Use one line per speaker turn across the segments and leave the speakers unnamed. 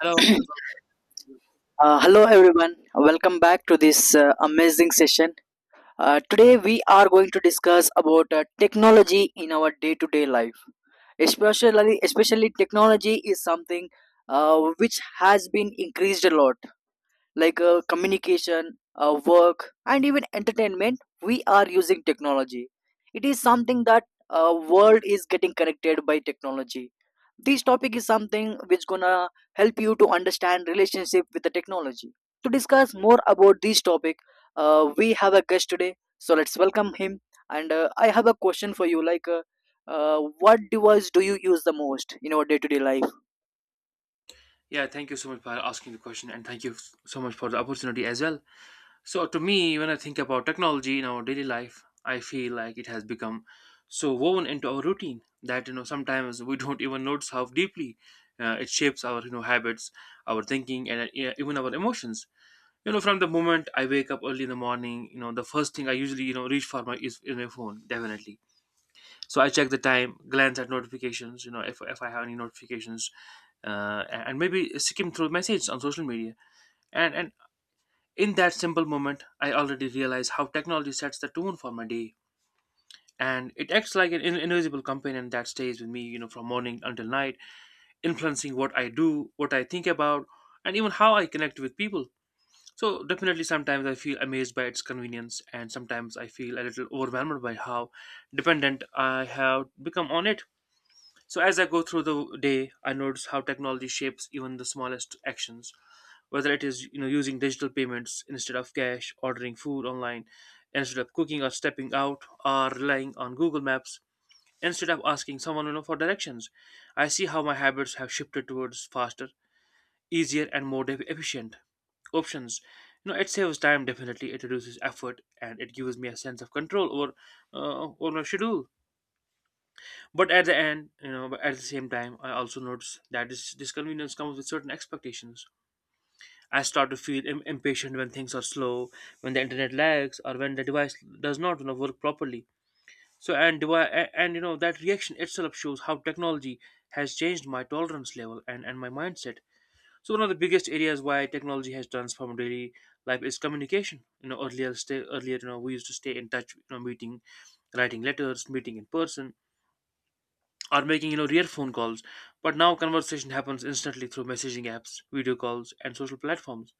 Hello.
Hello everyone. Welcome back to this amazing session. Today we are going to discuss about technology in our day-to-day life. Especially, technology is something which has been increased a lot, like communication, work, and even entertainment, we are using technology. It is something that world is getting connected by technology. This topic is something which gonna help you to understand relationship with the technology. To discuss more about this topic, we have a guest today, so let's welcome him. And I have a question for you, like, what device do you use the most in your day-to-day life?
Yeah, thank you so much for asking the question, and thank you so much for the opportunity as well. So, to me, when I think about technology in our daily life, I feel like it has become so woven into our routine that you know sometimes we don't even notice how deeply it shapes our you know habits, our thinking, and yeah, even our emotions. You know, from the moment I wake up early in the morning, you know, the first thing I usually you know reach for my is my phone, definitely. So I check the time, glance at notifications, you know, if I have any notifications, uh, and maybe skim through messages on social media. And in that simple moment I already realize how technology sets the tone for my day, and it acts like an invisible companion that stays with me, you know, from morning until night, influencing what I do, what I think about, and even how I connect with people. So definitely, sometimes I feel amazed by its convenience, and sometimes I feel a little overwhelmed by how dependent I have become on it. So, as I go through the day, I notice how technology shapes even the smallest actions, whether it is you know using digital payments instead of cash, ordering food online instead of cooking or stepping out, or relying on Google Maps instead of asking someone you know for directions. I see how my habits have shifted towards faster, easier, and more efficient options. You know, it saves time, definitely. It reduces effort, and it gives me a sense of control over over my schedule. But at the end, you know, but at the same time, I also notice that this disconvenience comes with certain expectations. I start to feel impatient when things are slow, when the internet lags, or when the device does not, you know, work properly. So and and you know that reaction itself shows how technology has changed my tolerance level and my mindset. So one of the biggest areas why technology has transformed daily life is communication. You know, earlier, you know, we used to stay in touch, you know, meeting, writing letters, meeting in person, or making you know real phone calls. But now conversation happens instantly through messaging apps, video calls, and social platforms.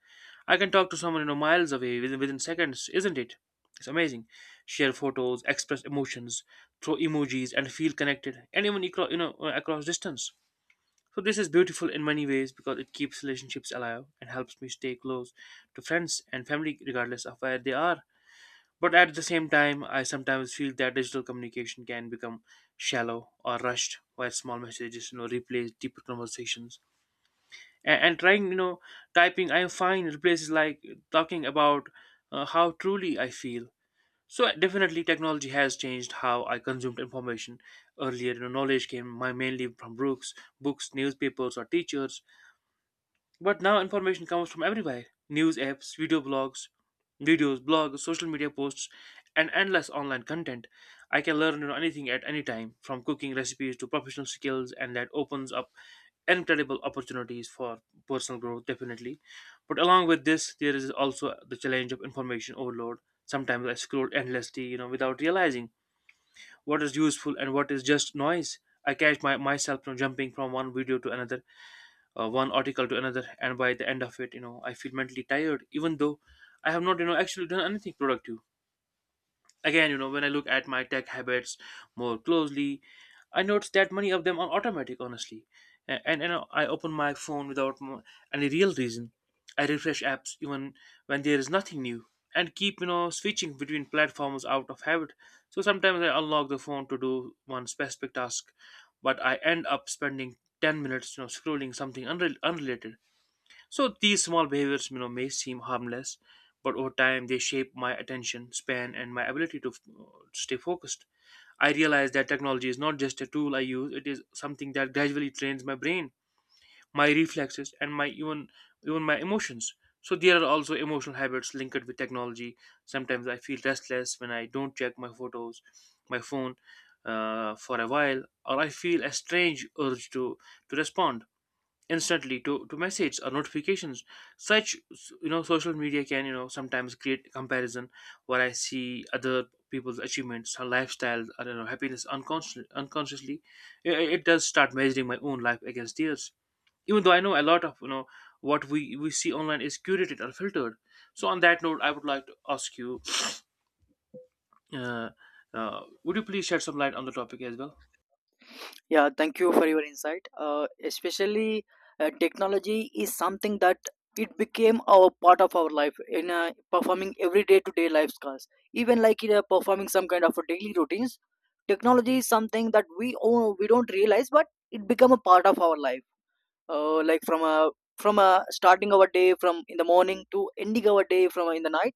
I can talk to someone you know miles away within seconds, isn't it? It's amazing. Share photos, express emotions, throw emojis, and feel connected and even across, you know, across distance. So this is beautiful in many ways because it keeps relationships alive and helps me stay close to friends and family regardless of where they are. But at the same time, I sometimes feel that digital communication can become shallow or rushed, while small messages, you know, replace deeper conversations. And trying, you know, typing "I'm fine" replaces like talking about how truly I feel. So definitely, technology has changed how I consumed information. Earlier, you know, knowledge came my mainly from books, newspapers, or teachers. But now information comes from everywhere: news apps, video blogs, videos, blogs, social media posts, and endless online content. I can learn, you know, anything at any time, from cooking recipes to professional skills, and that opens up incredible opportunities for personal growth, definitely. But along with this, there is also the challenge of information overload. Sometimes I scroll endlessly, you know, without realizing what is useful and what is just noise. I catch myself, you know, jumping from one video to another, one article to another, and by the end of it you know I feel mentally tired even though I have not you know actually done anything productive. Again, you know, when I look at my tech habits more closely, I notice that many of them are automatic, honestly. And you know I open my phone without any real reason. I refresh apps even when there is nothing new, and keep you know switching between platforms out of habit. So sometimes I unlock the phone to do one specific task, but I end up spending 10 minutes you know scrolling something unrelated. So these small behaviors, you know, may seem harmless, but over time they shape my attention span and my ability to stay focused. I realize that technology is not just a tool I use; it is something that gradually trains my brain, my reflexes, and my even even my emotions. So there are also emotional habits linked with technology. Sometimes I feel restless when I don't check my phone, for a while, or I feel a strange urge to respond instantly to message or notifications. Such you know social media can you know sometimes create comparison where I see other people's achievements or lifestyles or you know happiness unconsciously. It does start measuring my own life against theirs, even though I know a lot of you know what we see online is curated or filtered. So on that note I would like to ask you, uh, would you please shed some light on the topic as well?
Yeah, thank you for your insight. Especially, technology is something that it became a part of our life in performing every day to day life tasks. Even like in performing some kind of a daily routines, technology is something that we own, we don't realize, but it become a part of our life. Like from a starting our day from in the morning to ending our day from in the night,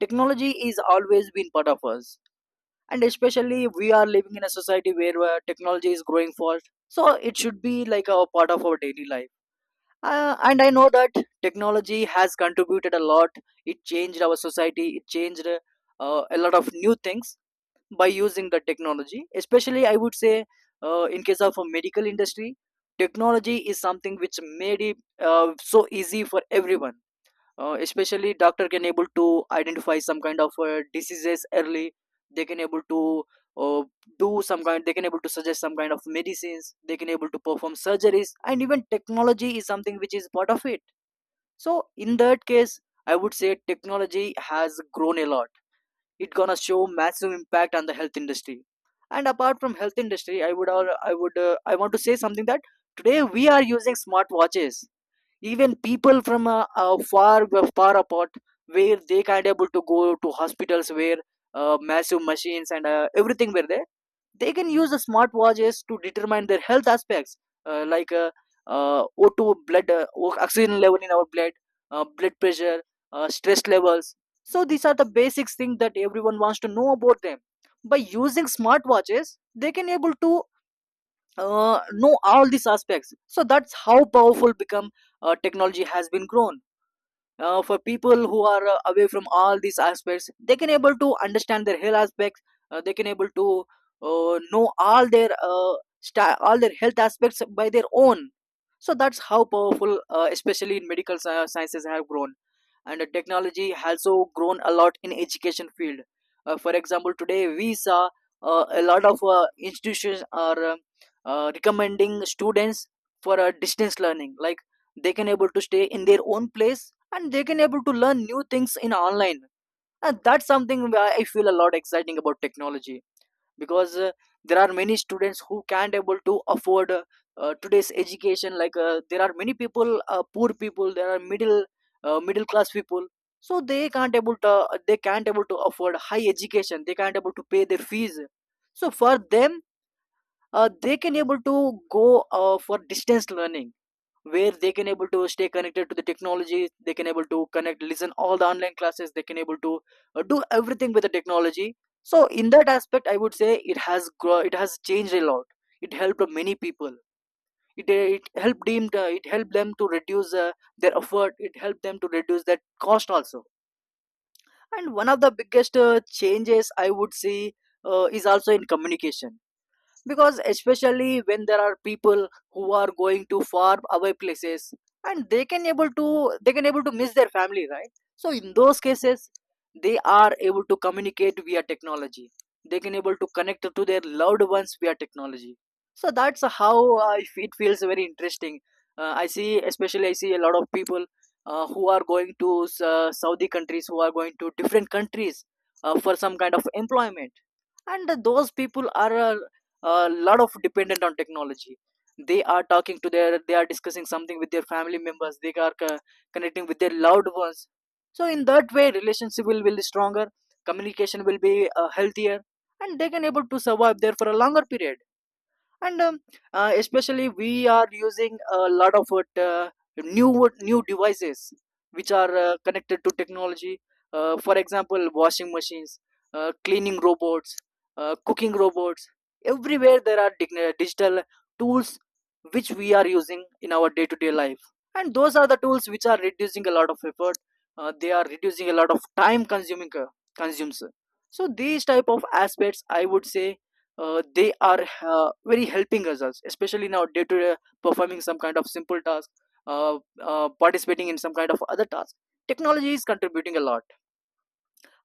technology is always been part of us, and especially we are living in a society where technology is growing fast, so it should be like a part of our daily life, and I know that technology has contributed a lot. It changed our society, it changed a lot of new things by using the technology. Especially I would say, in case of a medical industry, technology is something which made it so easy for everyone. Especially doctor can able to identify some kind of diseases early. They can able to uh, do some kind, they can able to suggest some kind of medicines, they can able to perform surgeries, and even technology is something which is part of it. So in that case, I would say technology has grown a lot. It gonna show massive impact on the health industry. And apart from health industry, I would al- I would I want to say something, that today we are using smartwatches. Even people from far far apart, where they can't able to go to hospitals where massive machines and everything were there, they can use the smart watches to determine their health aspects, like O2 blood, oxygen level in our blood, blood pressure, stress levels. So these are the basic things that everyone wants to know about them. By using smart watches, they can able to know all these aspects. So that's how powerful become, technology has been grown. For people who are away from all these aspects, they can able to understand their health aspects. They can able to know all their all their health aspects by their own. So that's how powerful, especially in medical sciences have grown. And technology has also grown a lot in education field. For example, today we saw a lot of institutions are recommending students for a distance learning, like they can able to stay in their own place, and they can able to learn new things in online. And that's something where I feel a lot exciting about technology, because there are many students who can't able to afford today's education, like there are many people, poor people, there are middle, middle class people. So they can't able to afford high education, they can't able to pay their fees. So for them, they can able to go for distance learning, where they can able to stay connected to the technology, they can able to connect, listen all the online classes, they can able to do everything with the technology. So in that aspect, I would say it has changed a lot. It helped many people. It helped them to reduce their effort, it helped them to reduce that cost also. And one of the biggest changes I would see, is also in communication, because especially when there are people who are going to far away places, and they can able to miss their family, right? So in those cases, they are able to communicate via technology, they can able to connect to their loved ones via technology. So that's how, it feels very interesting. I see, especially I see a lot of people who are going to Saudi countries, who are going to different countries for some kind of employment. And those people are a lot of dependent on technology. They are discussing something with their family members, they are connecting with their loved ones. So in that way, relationship will be stronger, communication will be healthier, and they can able to survive there for a longer period. And especially we are using a lot of new new devices which are connected to technology. For example, washing machines, cleaning robots, cooking robots. Everywhere there are digital tools which we are using in our day to day life, and those are the tools which are reducing a lot of effort. They are reducing a lot of time consuming, consumes. So these type of aspects, I would say, they are very helping us, especially now day to day performing some kind of simple task, participating in some kind of other task. Technology is contributing a lot.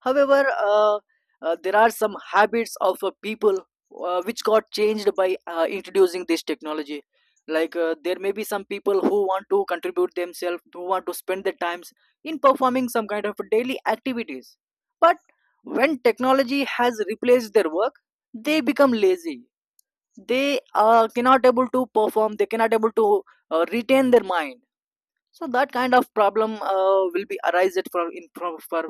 However, there are some habits of people which got changed by introducing this technology. Like, there may be some people who want to contribute themselves, who want to spend their times in performing some kind of daily activities. But when technology has replaced their work, they become lazy, they cannot able to retain their mind. So that kind of problem will be arise for in for, for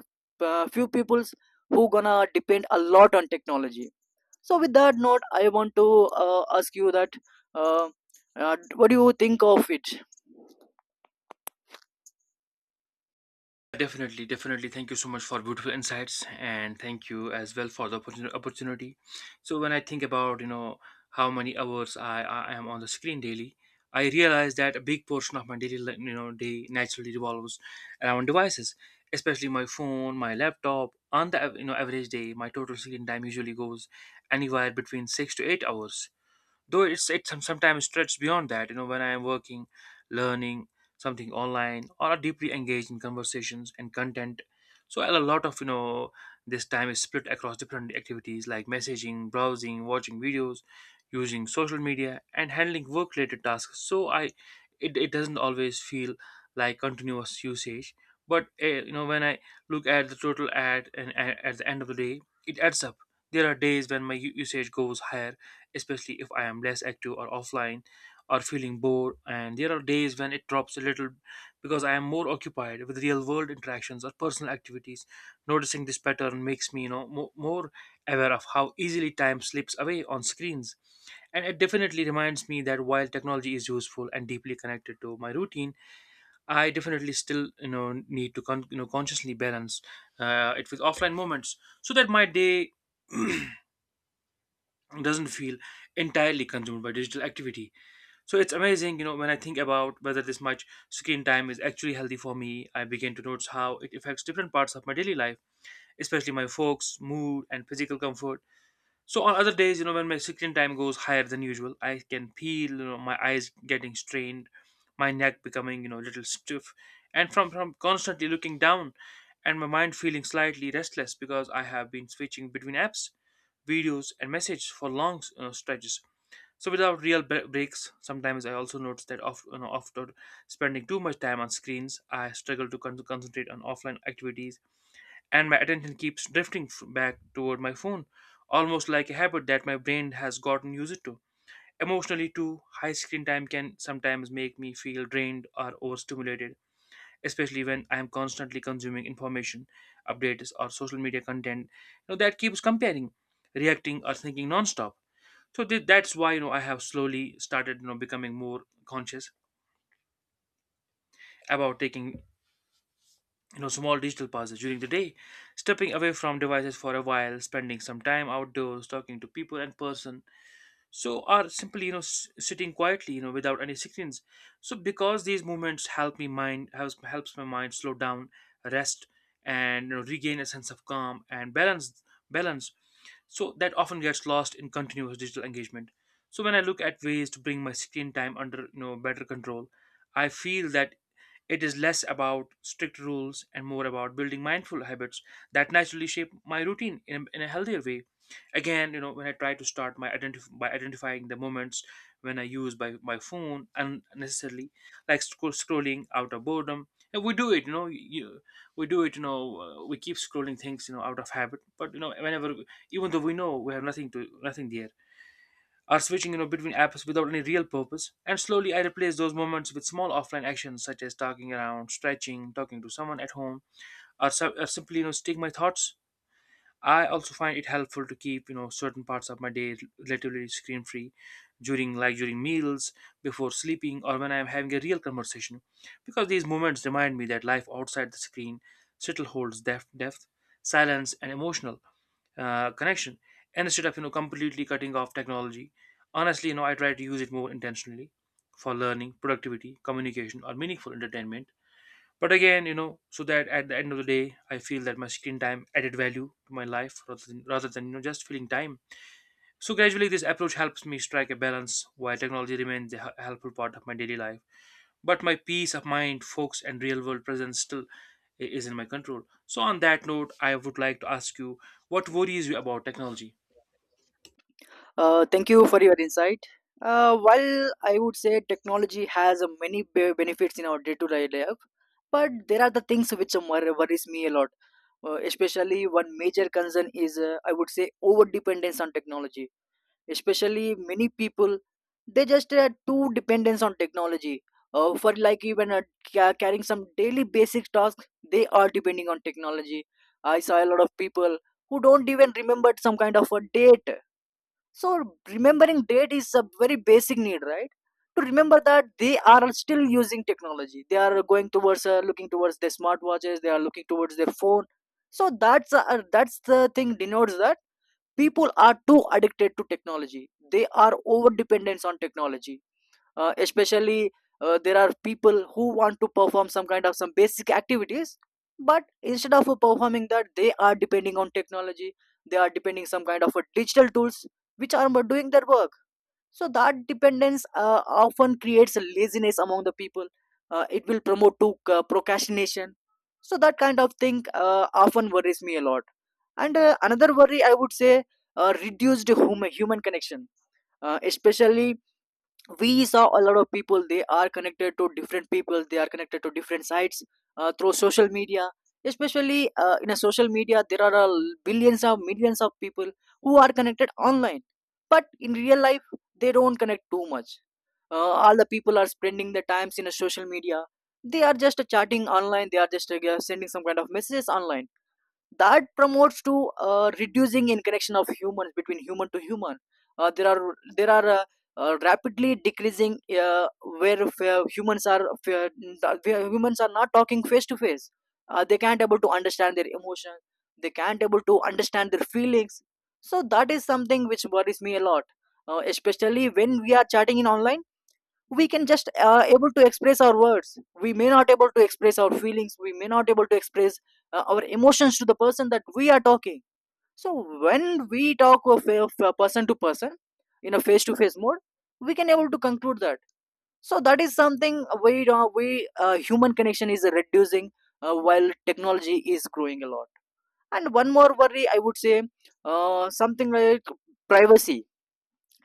uh, few peoples who gonna depend a lot on technology. So with that note, I want to ask you that, uh, what do you think of it?
Definitely, definitely. Thank you so much for beautiful insights, and thank you as well for the opportunity. So when I think about you know how many hours I am on the screen daily, I realize that a big portion of my you know day naturally revolves around devices, especially my phone, my laptop. On the you know average day, my total screen time usually goes anywhere between 6 to 8 hours, though sometimes stretches beyond that you know when I am working, learning something online, or are deeply engaged in conversations and content. So a lot of you know this time is split across different activities like messaging, browsing, watching videos, using social media, and handling work related tasks. So it doesn't always feel like continuous usage, but you know when I look at the total at and at at the end of the day it adds up. There are days when my usage goes higher, especially if I am less active or offline or feeling bored. And there are days when it drops a little because I am more occupied with real world interactions or personal activities. Noticing this pattern makes me, you know, more aware of how easily time slips away on screens. And it definitely reminds me that while technology is useful and deeply connected to my routine, I definitely still, you know, need to you know consciously balance it with offline moments so that my day doesn't feel entirely consumed by digital activity. So it's amazing, you know, when I think about whether this much screen time is actually healthy for me, I begin to notice how it affects different parts of my daily life, especially my focus, mood, and physical comfort. So on other days, you know, when my screen time goes higher than usual, I can feel you know my eyes getting strained, my neck becoming you know a little stiff, and from constantly looking down, and my mind feeling slightly restless because I have been switching between apps, videos, and messages for long, you know, stretches. So without real breaks, sometimes I also notice that of, you know, after spending too much time on screens, I struggle to concentrate on offline activities, and my attention keeps drifting back toward my phone, almost like a habit that my brain has gotten used to. Emotionally, too, high screen time can sometimes make me feel drained or overstimulated, especially when I am constantly consuming information, updates, or social media content, you know, that keeps comparing, reacting, or thinking nonstop. So that's why you know I have slowly started you know becoming more conscious about taking you know small digital pauses during the day, stepping away from devices for a while, spending some time outdoors, talking to people in person, so or simply you know sitting quietly you know without any screens. So because these movements helps my mind slow down, rest, and you know, regain a sense of calm and balance, so that often gets lost in continuous digital engagement. So when I look at ways to bring my screen time under you know better control, I feel that it is less about strict rules and more about building mindful habits that naturally shape my routine in a healthier way. Again, you know, when I try to start by identifying the moments when I use my phone unnecessarily, like scrolling out of boredom, and we do it, you know, you, we do it, you know, we keep scrolling things, you know, out of habit. But you know, whenever, even though we know we have nothing there, or switching you know between apps without any real purpose. And slowly I replace those moments with small offline actions such as talking around, stretching, talking to someone at home, or simply you know stick my thoughts. I also find it helpful to keep you know certain parts of my day relatively screen free, during meals, before sleeping, or when I am having a real conversation, because these moments remind me that life outside the screen still holds depth, silence and emotional connection. And instead of you know completely cutting off technology, honestly you know I try to use it more intentionally for learning, productivity, communication or meaningful entertainment. But again you know, so that at the end of the day I feel that my screen time added value to my life rather than you know just filling time. So gradually, this approach helps me strike a balance while technology remains a helpful part of my daily life. But my peace of mind, focus, and real world presence still is in my control. So, on that note, I would like to ask you, what worries you about technology?
Thank you for your insight. While I would say technology has many benefits in our day-to-day life, but there are the things which worries me a lot. Especially one major concern is, I would say, over dependence on technology. Especially many people, they just too dependence on technology, for like even carrying some daily basic tasks, they are depending on technology. I saw a lot of people who don't even remember some kind of a date. So remembering date is a very basic need, right? To remember that, they are still using technology. They are going towards, looking towards their smartwatches. They are looking towards their phone. So that's the thing denotes that people are too addicted to technology. They are over dependence on technology, especially there are people who want to perform some kind of some basic activities, but instead of performing that, they are depending on technology. They are depending some kind of a digital tools which are doing their work. So that dependence often creates a laziness among the people, it will promote to procrastination. So that kind of thing often worries me a lot. And another worry I would say, reduced human connection. Especially, we saw a lot of people, they are connected to different people, they are connected to different sites through social media. Especially in a social media, there are billions of millions of people who are connected online, but in real life, they don't connect too much. uh, all the people are spending their times in a social media, they are just chatting online, they are just sending some kind of messages online. That promotes to reducing in connection of humans between human to human. There are rapidly decreasing, uh, where f- uh, humans are f- where humans are not talking face to face. They can't able to understand their emotions, they can't able to understand their feelings. So that is something which worries me a lot. Especially when we are chatting in online, we can just able to express our words, we may not able to express our feelings, we may not able to express our emotions to the person that we are talking. So when we talk of person to person in a face to face mode, we can able to conclude that. So that is something we human connection is reducing while technology is growing a lot. And one more worry I would say, something like privacy.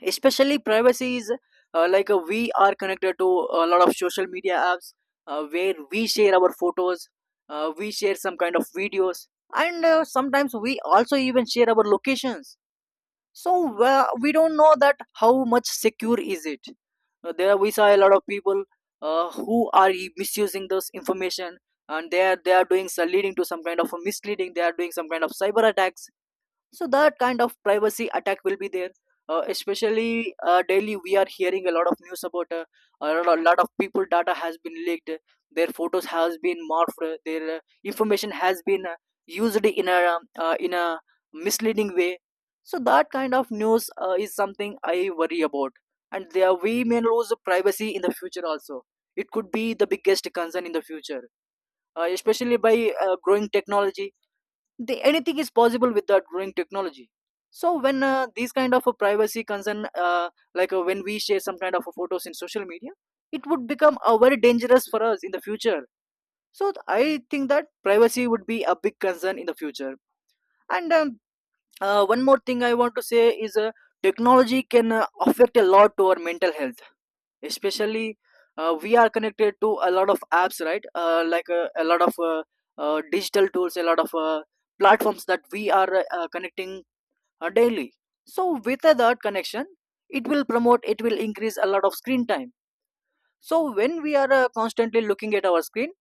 Especially privacy is, we are connected to a lot of social media apps, where we share our photos, we share some kind of videos, and sometimes we also even share our locations. So we don't know that how much secure is it. There we saw a lot of people who are misusing this information, and they are doing so, leading to some kind of a misleading. They are doing some kind of cyber attacks. So that kind of privacy attack will be there. Especially daily we are hearing a lot of news about a lot of people data has been leaked, their photos has been morphed, their information has been used in a misleading way. So that kind of news is something I worry about, and there we may lose privacy in the future also. It could be the biggest concern in the future, especially by growing technology. Anything is possible with the growing technology. So when these kind of a privacy concern, when we share some kind of a photos in social media, it would become very dangerous for us in the future. So I think that privacy would be a big concern in the future. And one more thing I want to say is, technology can affect a lot to our mental health. Especially we are connected to a lot of apps, right? A lot of digital tools, a lot of platforms that we are connecting daily. So with that connection, it will promote, it will increase a lot of screen time. So when we are constantly looking at our screen,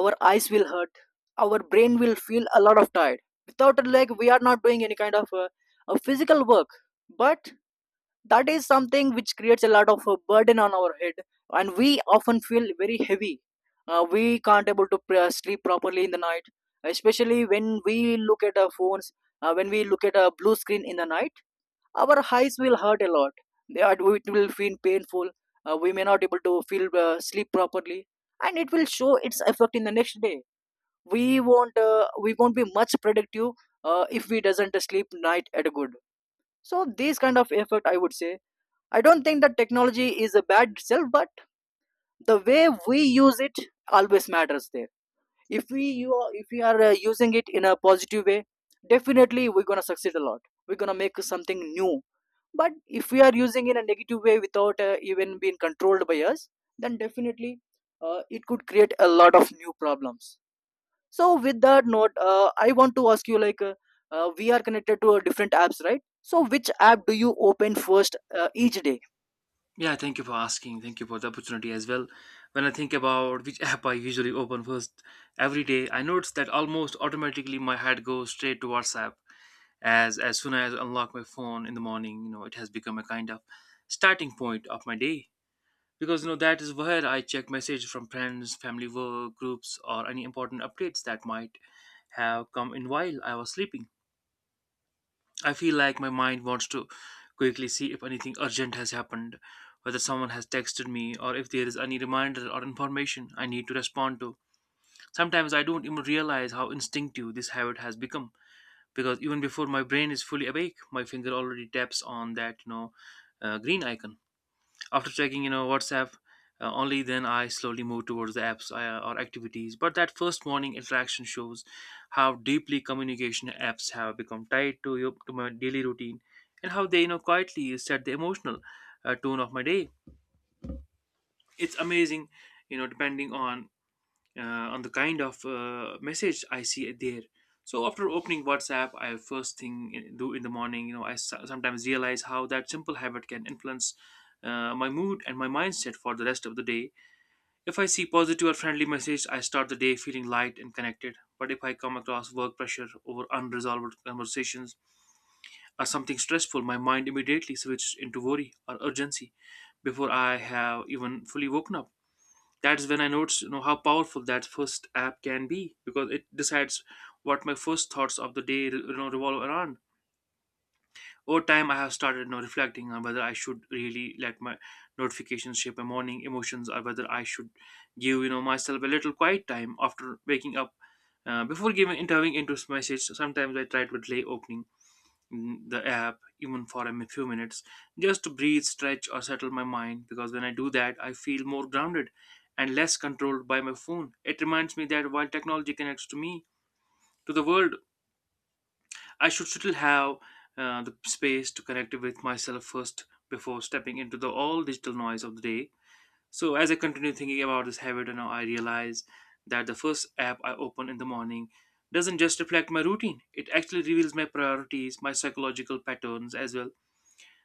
our eyes will hurt, our brain will feel a lot of tired. Without a leg we are not doing any kind of a physical work, but that is something which creates a lot of burden on our head, and we often feel very heavy. We can't able to sleep properly in the night, especially when we look at our phones, when we look at a blue screen in the night. Our eyes will hurt a lot. It will feel painful. We may not able to feel sleep properly, and it will show its effect in the next day. We won't, we won't be much productive if we doesn't sleep night at a good. So these kind of effect I would say, I don't think that technology is a bad itself, but the way we use it always matters there. If we are using it in a positive way, definitely we're gonna succeed a lot. We're gonna make something new. But if we are using in a negative way without even being controlled by us, then definitely it could create a lot of new problems. So with that note, I want to ask you, like, we are connected to different apps, right? So which app do you open first each day?
Yeah, thank you for asking. Thank you for the opportunity as well. When I think about which app I usually open first every day, I notice that almost automatically my head goes straight to WhatsApp. As soon as I unlock my phone in the morning, you know, it has become a kind of starting point of my day, because you know that is where I check messages from friends, family, work groups, or any important updates that might have come in while I was sleeping. I feel like my mind wants to quickly see if anything urgent has happened, whether someone has texted me or if there is any reminder or information I need to respond to. Sometimes I don't even realize how instinctive this habit has become, because even before my brain is fully awake, my finger already taps on that you know green icon. After checking, you know, WhatsApp, only then I slowly move towards the apps or activities. But that first morning interaction shows how deeply communication apps have become tied to your to my daily routine, and how they, you know, quietly set the emotional tone of my day. It's amazing, you know, depending on the kind of message I see there. So after opening WhatsApp, I first thing in, do in the morning, you know, I sometimes realize how that simple habit can influence my mood and my mindset for the rest of the day. If I see positive or friendly message, I start the day feeling light and connected. But if I come across work pressure over unresolved conversations or something stressful, my mind immediately switches into worry or urgency before I have even fully woken up. That's when I noticed, you know, how powerful that first app can be, because it decides what my first thoughts of the day, you know, revolve around. Over time, I have started, you know, reflecting on whether I should really let my notifications shape my morning emotions, or whether I should give, you know, myself a little quiet time after waking up. Before giving intervening into message, sometimes I try to delay opening the app even for a few minutes, just to breathe, stretch or settle my mind, because when I do that I feel more grounded and less controlled by my phone. It reminds me that while technology connects to me to the world, I should still have the space to connect with myself first before stepping into the all digital noise of the day. So as I continue thinking about this habit, and now I realize that the first app I open in the morning doesn't just reflect my routine, it actually reveals my priorities, my psychological patterns as well.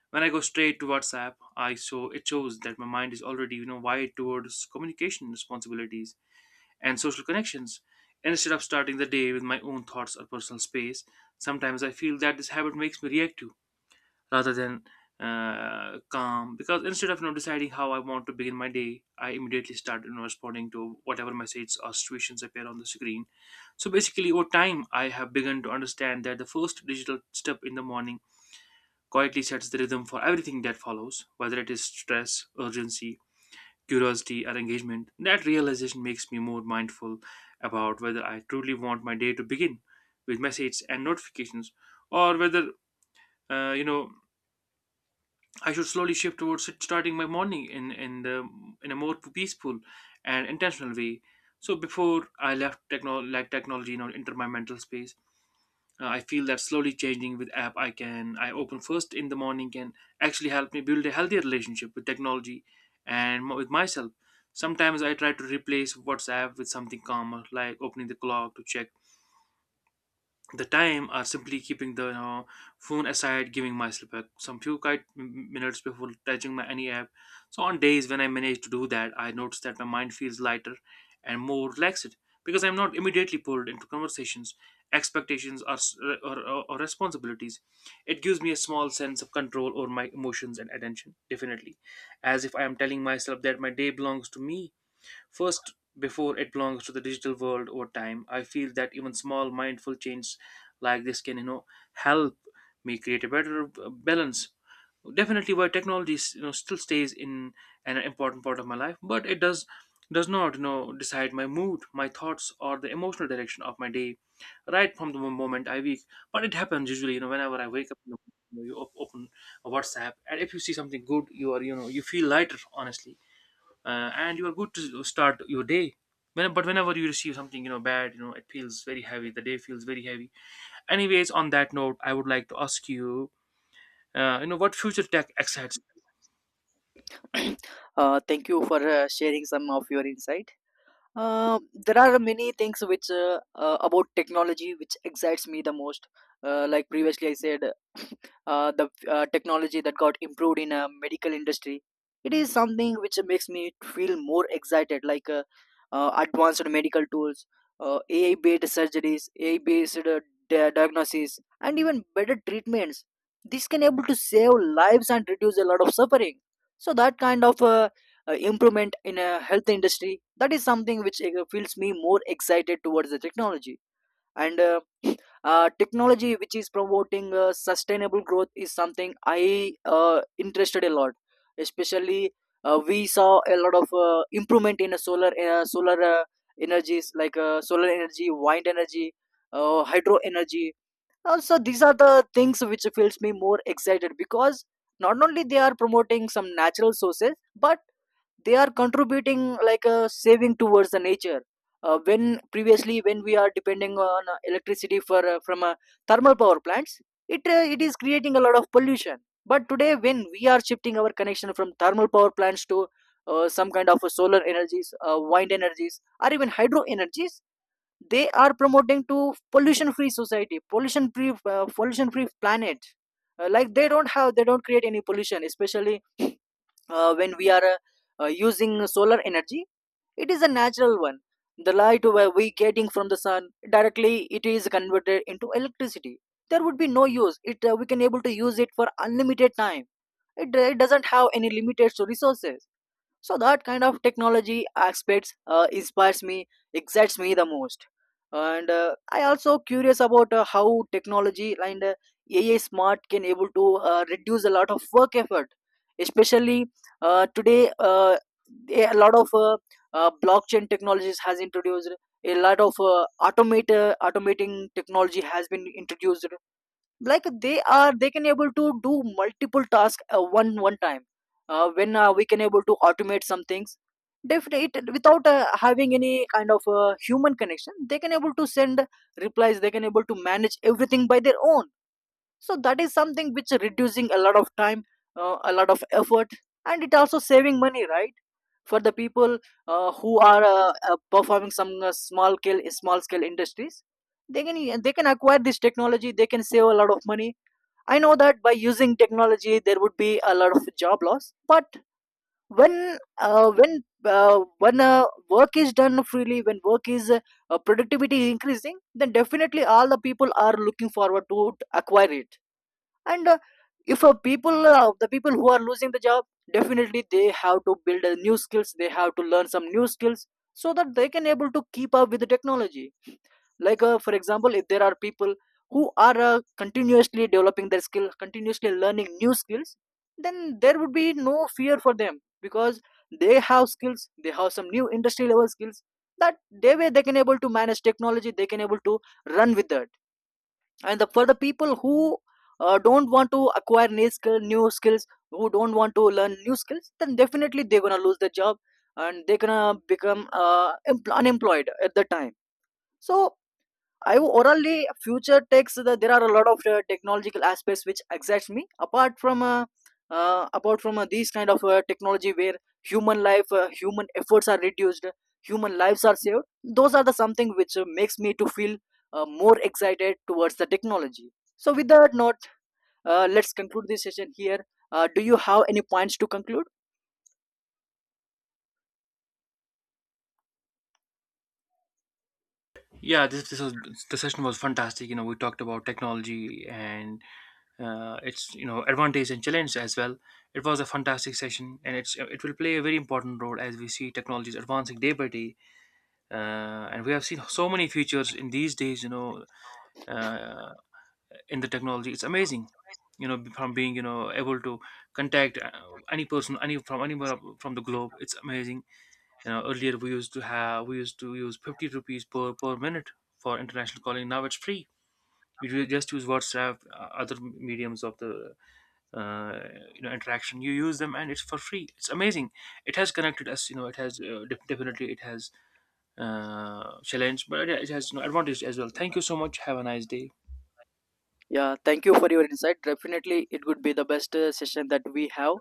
When I go straight to WhatsApp, I show it shows that my mind is already you know wired towards communication, responsibilities and social connections, instead of starting the day with my own thoughts or personal space. Sometimes I feel that this habit makes me reactive rather than calm, because instead of you know deciding how I want to begin my day, I immediately start you know responding to whatever messages or situations appear on the screen. So basically over time I have begun to understand that the first digital step in the morning quietly sets the rhythm for everything that follows, whether it is stress, urgency, curiosity, or engagement. That realization makes me more mindful about whether I truly want my day to begin with messages and notifications, or whether you know I should slowly shift towards starting my morning in a more peaceful and intentional way. So before I left technology, you know, enter my mental space, I feel that slowly changing with app I open first in the morning can actually help me build a healthier relationship with technology and with myself. Sometimes I try to replace WhatsApp with something calmer, like opening the clock to check the time, are simply keeping the you know, phone aside, giving myself a, some few quiet minutes before touching my any app. So on days when I manage to do that, I notice that my mind feels lighter and more relaxed, because I'm not immediately pulled into conversations, expectations, or, s- or responsibilities. It gives me a small sense of control over my emotions and attention, definitely, as if I am telling myself that my day belongs to me first, before it belongs to the digital world. Over time, I feel that even small mindful changes like this can, you know, help me create a better balance. Definitely, while technology is, you know, still stays in an important part of my life, but it does not, you know, decide my mood, my thoughts, or the emotional direction of my day right from the moment I wake. But it happens usually, you know, whenever I wake up, you, know, you open a WhatsApp, and if you see something good, you are, you know, you feel lighter. Honestly and you are good to start your day. When, but whenever you receive something you know bad, you know it feels very heavy. The day feels very heavy. Anyways, on that note, I would like to ask you, you know, what future tech excites?
Thank you for sharing some of your insight. There are many things which about technology which excites me the most. Like previously I said, the technology that got improved in a medical industry. It is something which makes me feel more excited. Like advanced medical tools, AI-based surgeries, AI-based diagnoses, and even better treatments. This can able to save lives and reduce a lot of suffering. So that kind of improvement in a health industry, that is something which feels me more excited towards the technology. And technology which is promoting sustainable growth is something I interested a lot. Especially we saw a lot of improvement in a solar energies, like solar energy, wind energy, hydro energy also. These are the things which feels me more excited, because not only they are promoting some natural sources, but they are contributing like a saving towards the nature. When Previously when we are depending on electricity for from thermal power plants, it is creating a lot of pollution. But today, when we are shifting our connection from thermal power plants to some kind of solar energies, wind energies, or even hydro energies, they are promoting to pollution free society, pollution free planet. Like they don't have, they don't create any pollution, especially when we are using solar energy. It is a natural one. The light where we getting from the sun directly, it is converted into electricity. There would be no use it, we can able to use it for unlimited time. It, it doesn't have any limited resources. So that kind of technology aspects inspires me, excites me the most. And I also curious about how technology and AI smart can able to reduce a lot of work effort. Especially today uh, a lot of blockchain technologies has introduced, a lot of automate automating technology has been introduced. Like they can able to do multiple tasks one time. When we can able to automate some things, definitely, without having any kind of human connection, they can able to send replies, they can able to manage everything by their own. So that is something which reducing a lot of time, a lot of effort, and it also saving money, right, for the people who are performing some small scale industries. They can, they can acquire this technology, they can save a lot of money. I know that by using technology there would be a lot of job loss, but when work is done freely, when work is productivity is increasing, then definitely all the people are looking forward to acquire it. And if people the people who are losing the job, definitely they have to build new skills. They have to learn some new skills, so that they can able to keep up with the technology. Like for example, if there are people who are continuously developing their skill, continuously learning new skills, then there would be no fear for them, because they have skills, they have some new industry level skills, that they way they can able to manage technology, they can able to run with that. And for the people who don't want to acquire new skills, who don't want to learn new skills, then definitely they're gonna lose their job, and they're gonna become unemployed at the time. So orally future takes there are a lot of technological aspects which excites me, apart from these kind of technology where human life, human efforts are reduced, human lives are saved. Those are the something which makes me to feel more excited towards the technology. So with that note, let's conclude this session here. Do you have any points to conclude?
Yeah, this was the session was fantastic. You know, we talked about technology and its you know advantage and challenge as well. It was a fantastic session, and it will play a very important role as we see technologies advancing day by day. And we have seen so many features in these days. You know, uh, in the technology it's amazing, you know, from being you know able to contact any person any from anywhere from the globe. It's amazing, you know, earlier we used to use 50 rupees per minute for international calling. Now it's free. You just use WhatsApp other mediums of the uh, you know interaction, you use them and it's for free. It's amazing. It has connected us, you know, it has definitely it has challenged but it has you advantage as well. Thank you so much, have a nice day.
Yeah, thank you for your insight. Definitely, it would be the best session that we have.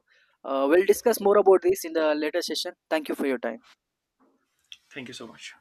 We'll discuss more about this in the later session. Thank you for your time.
Thank you so much.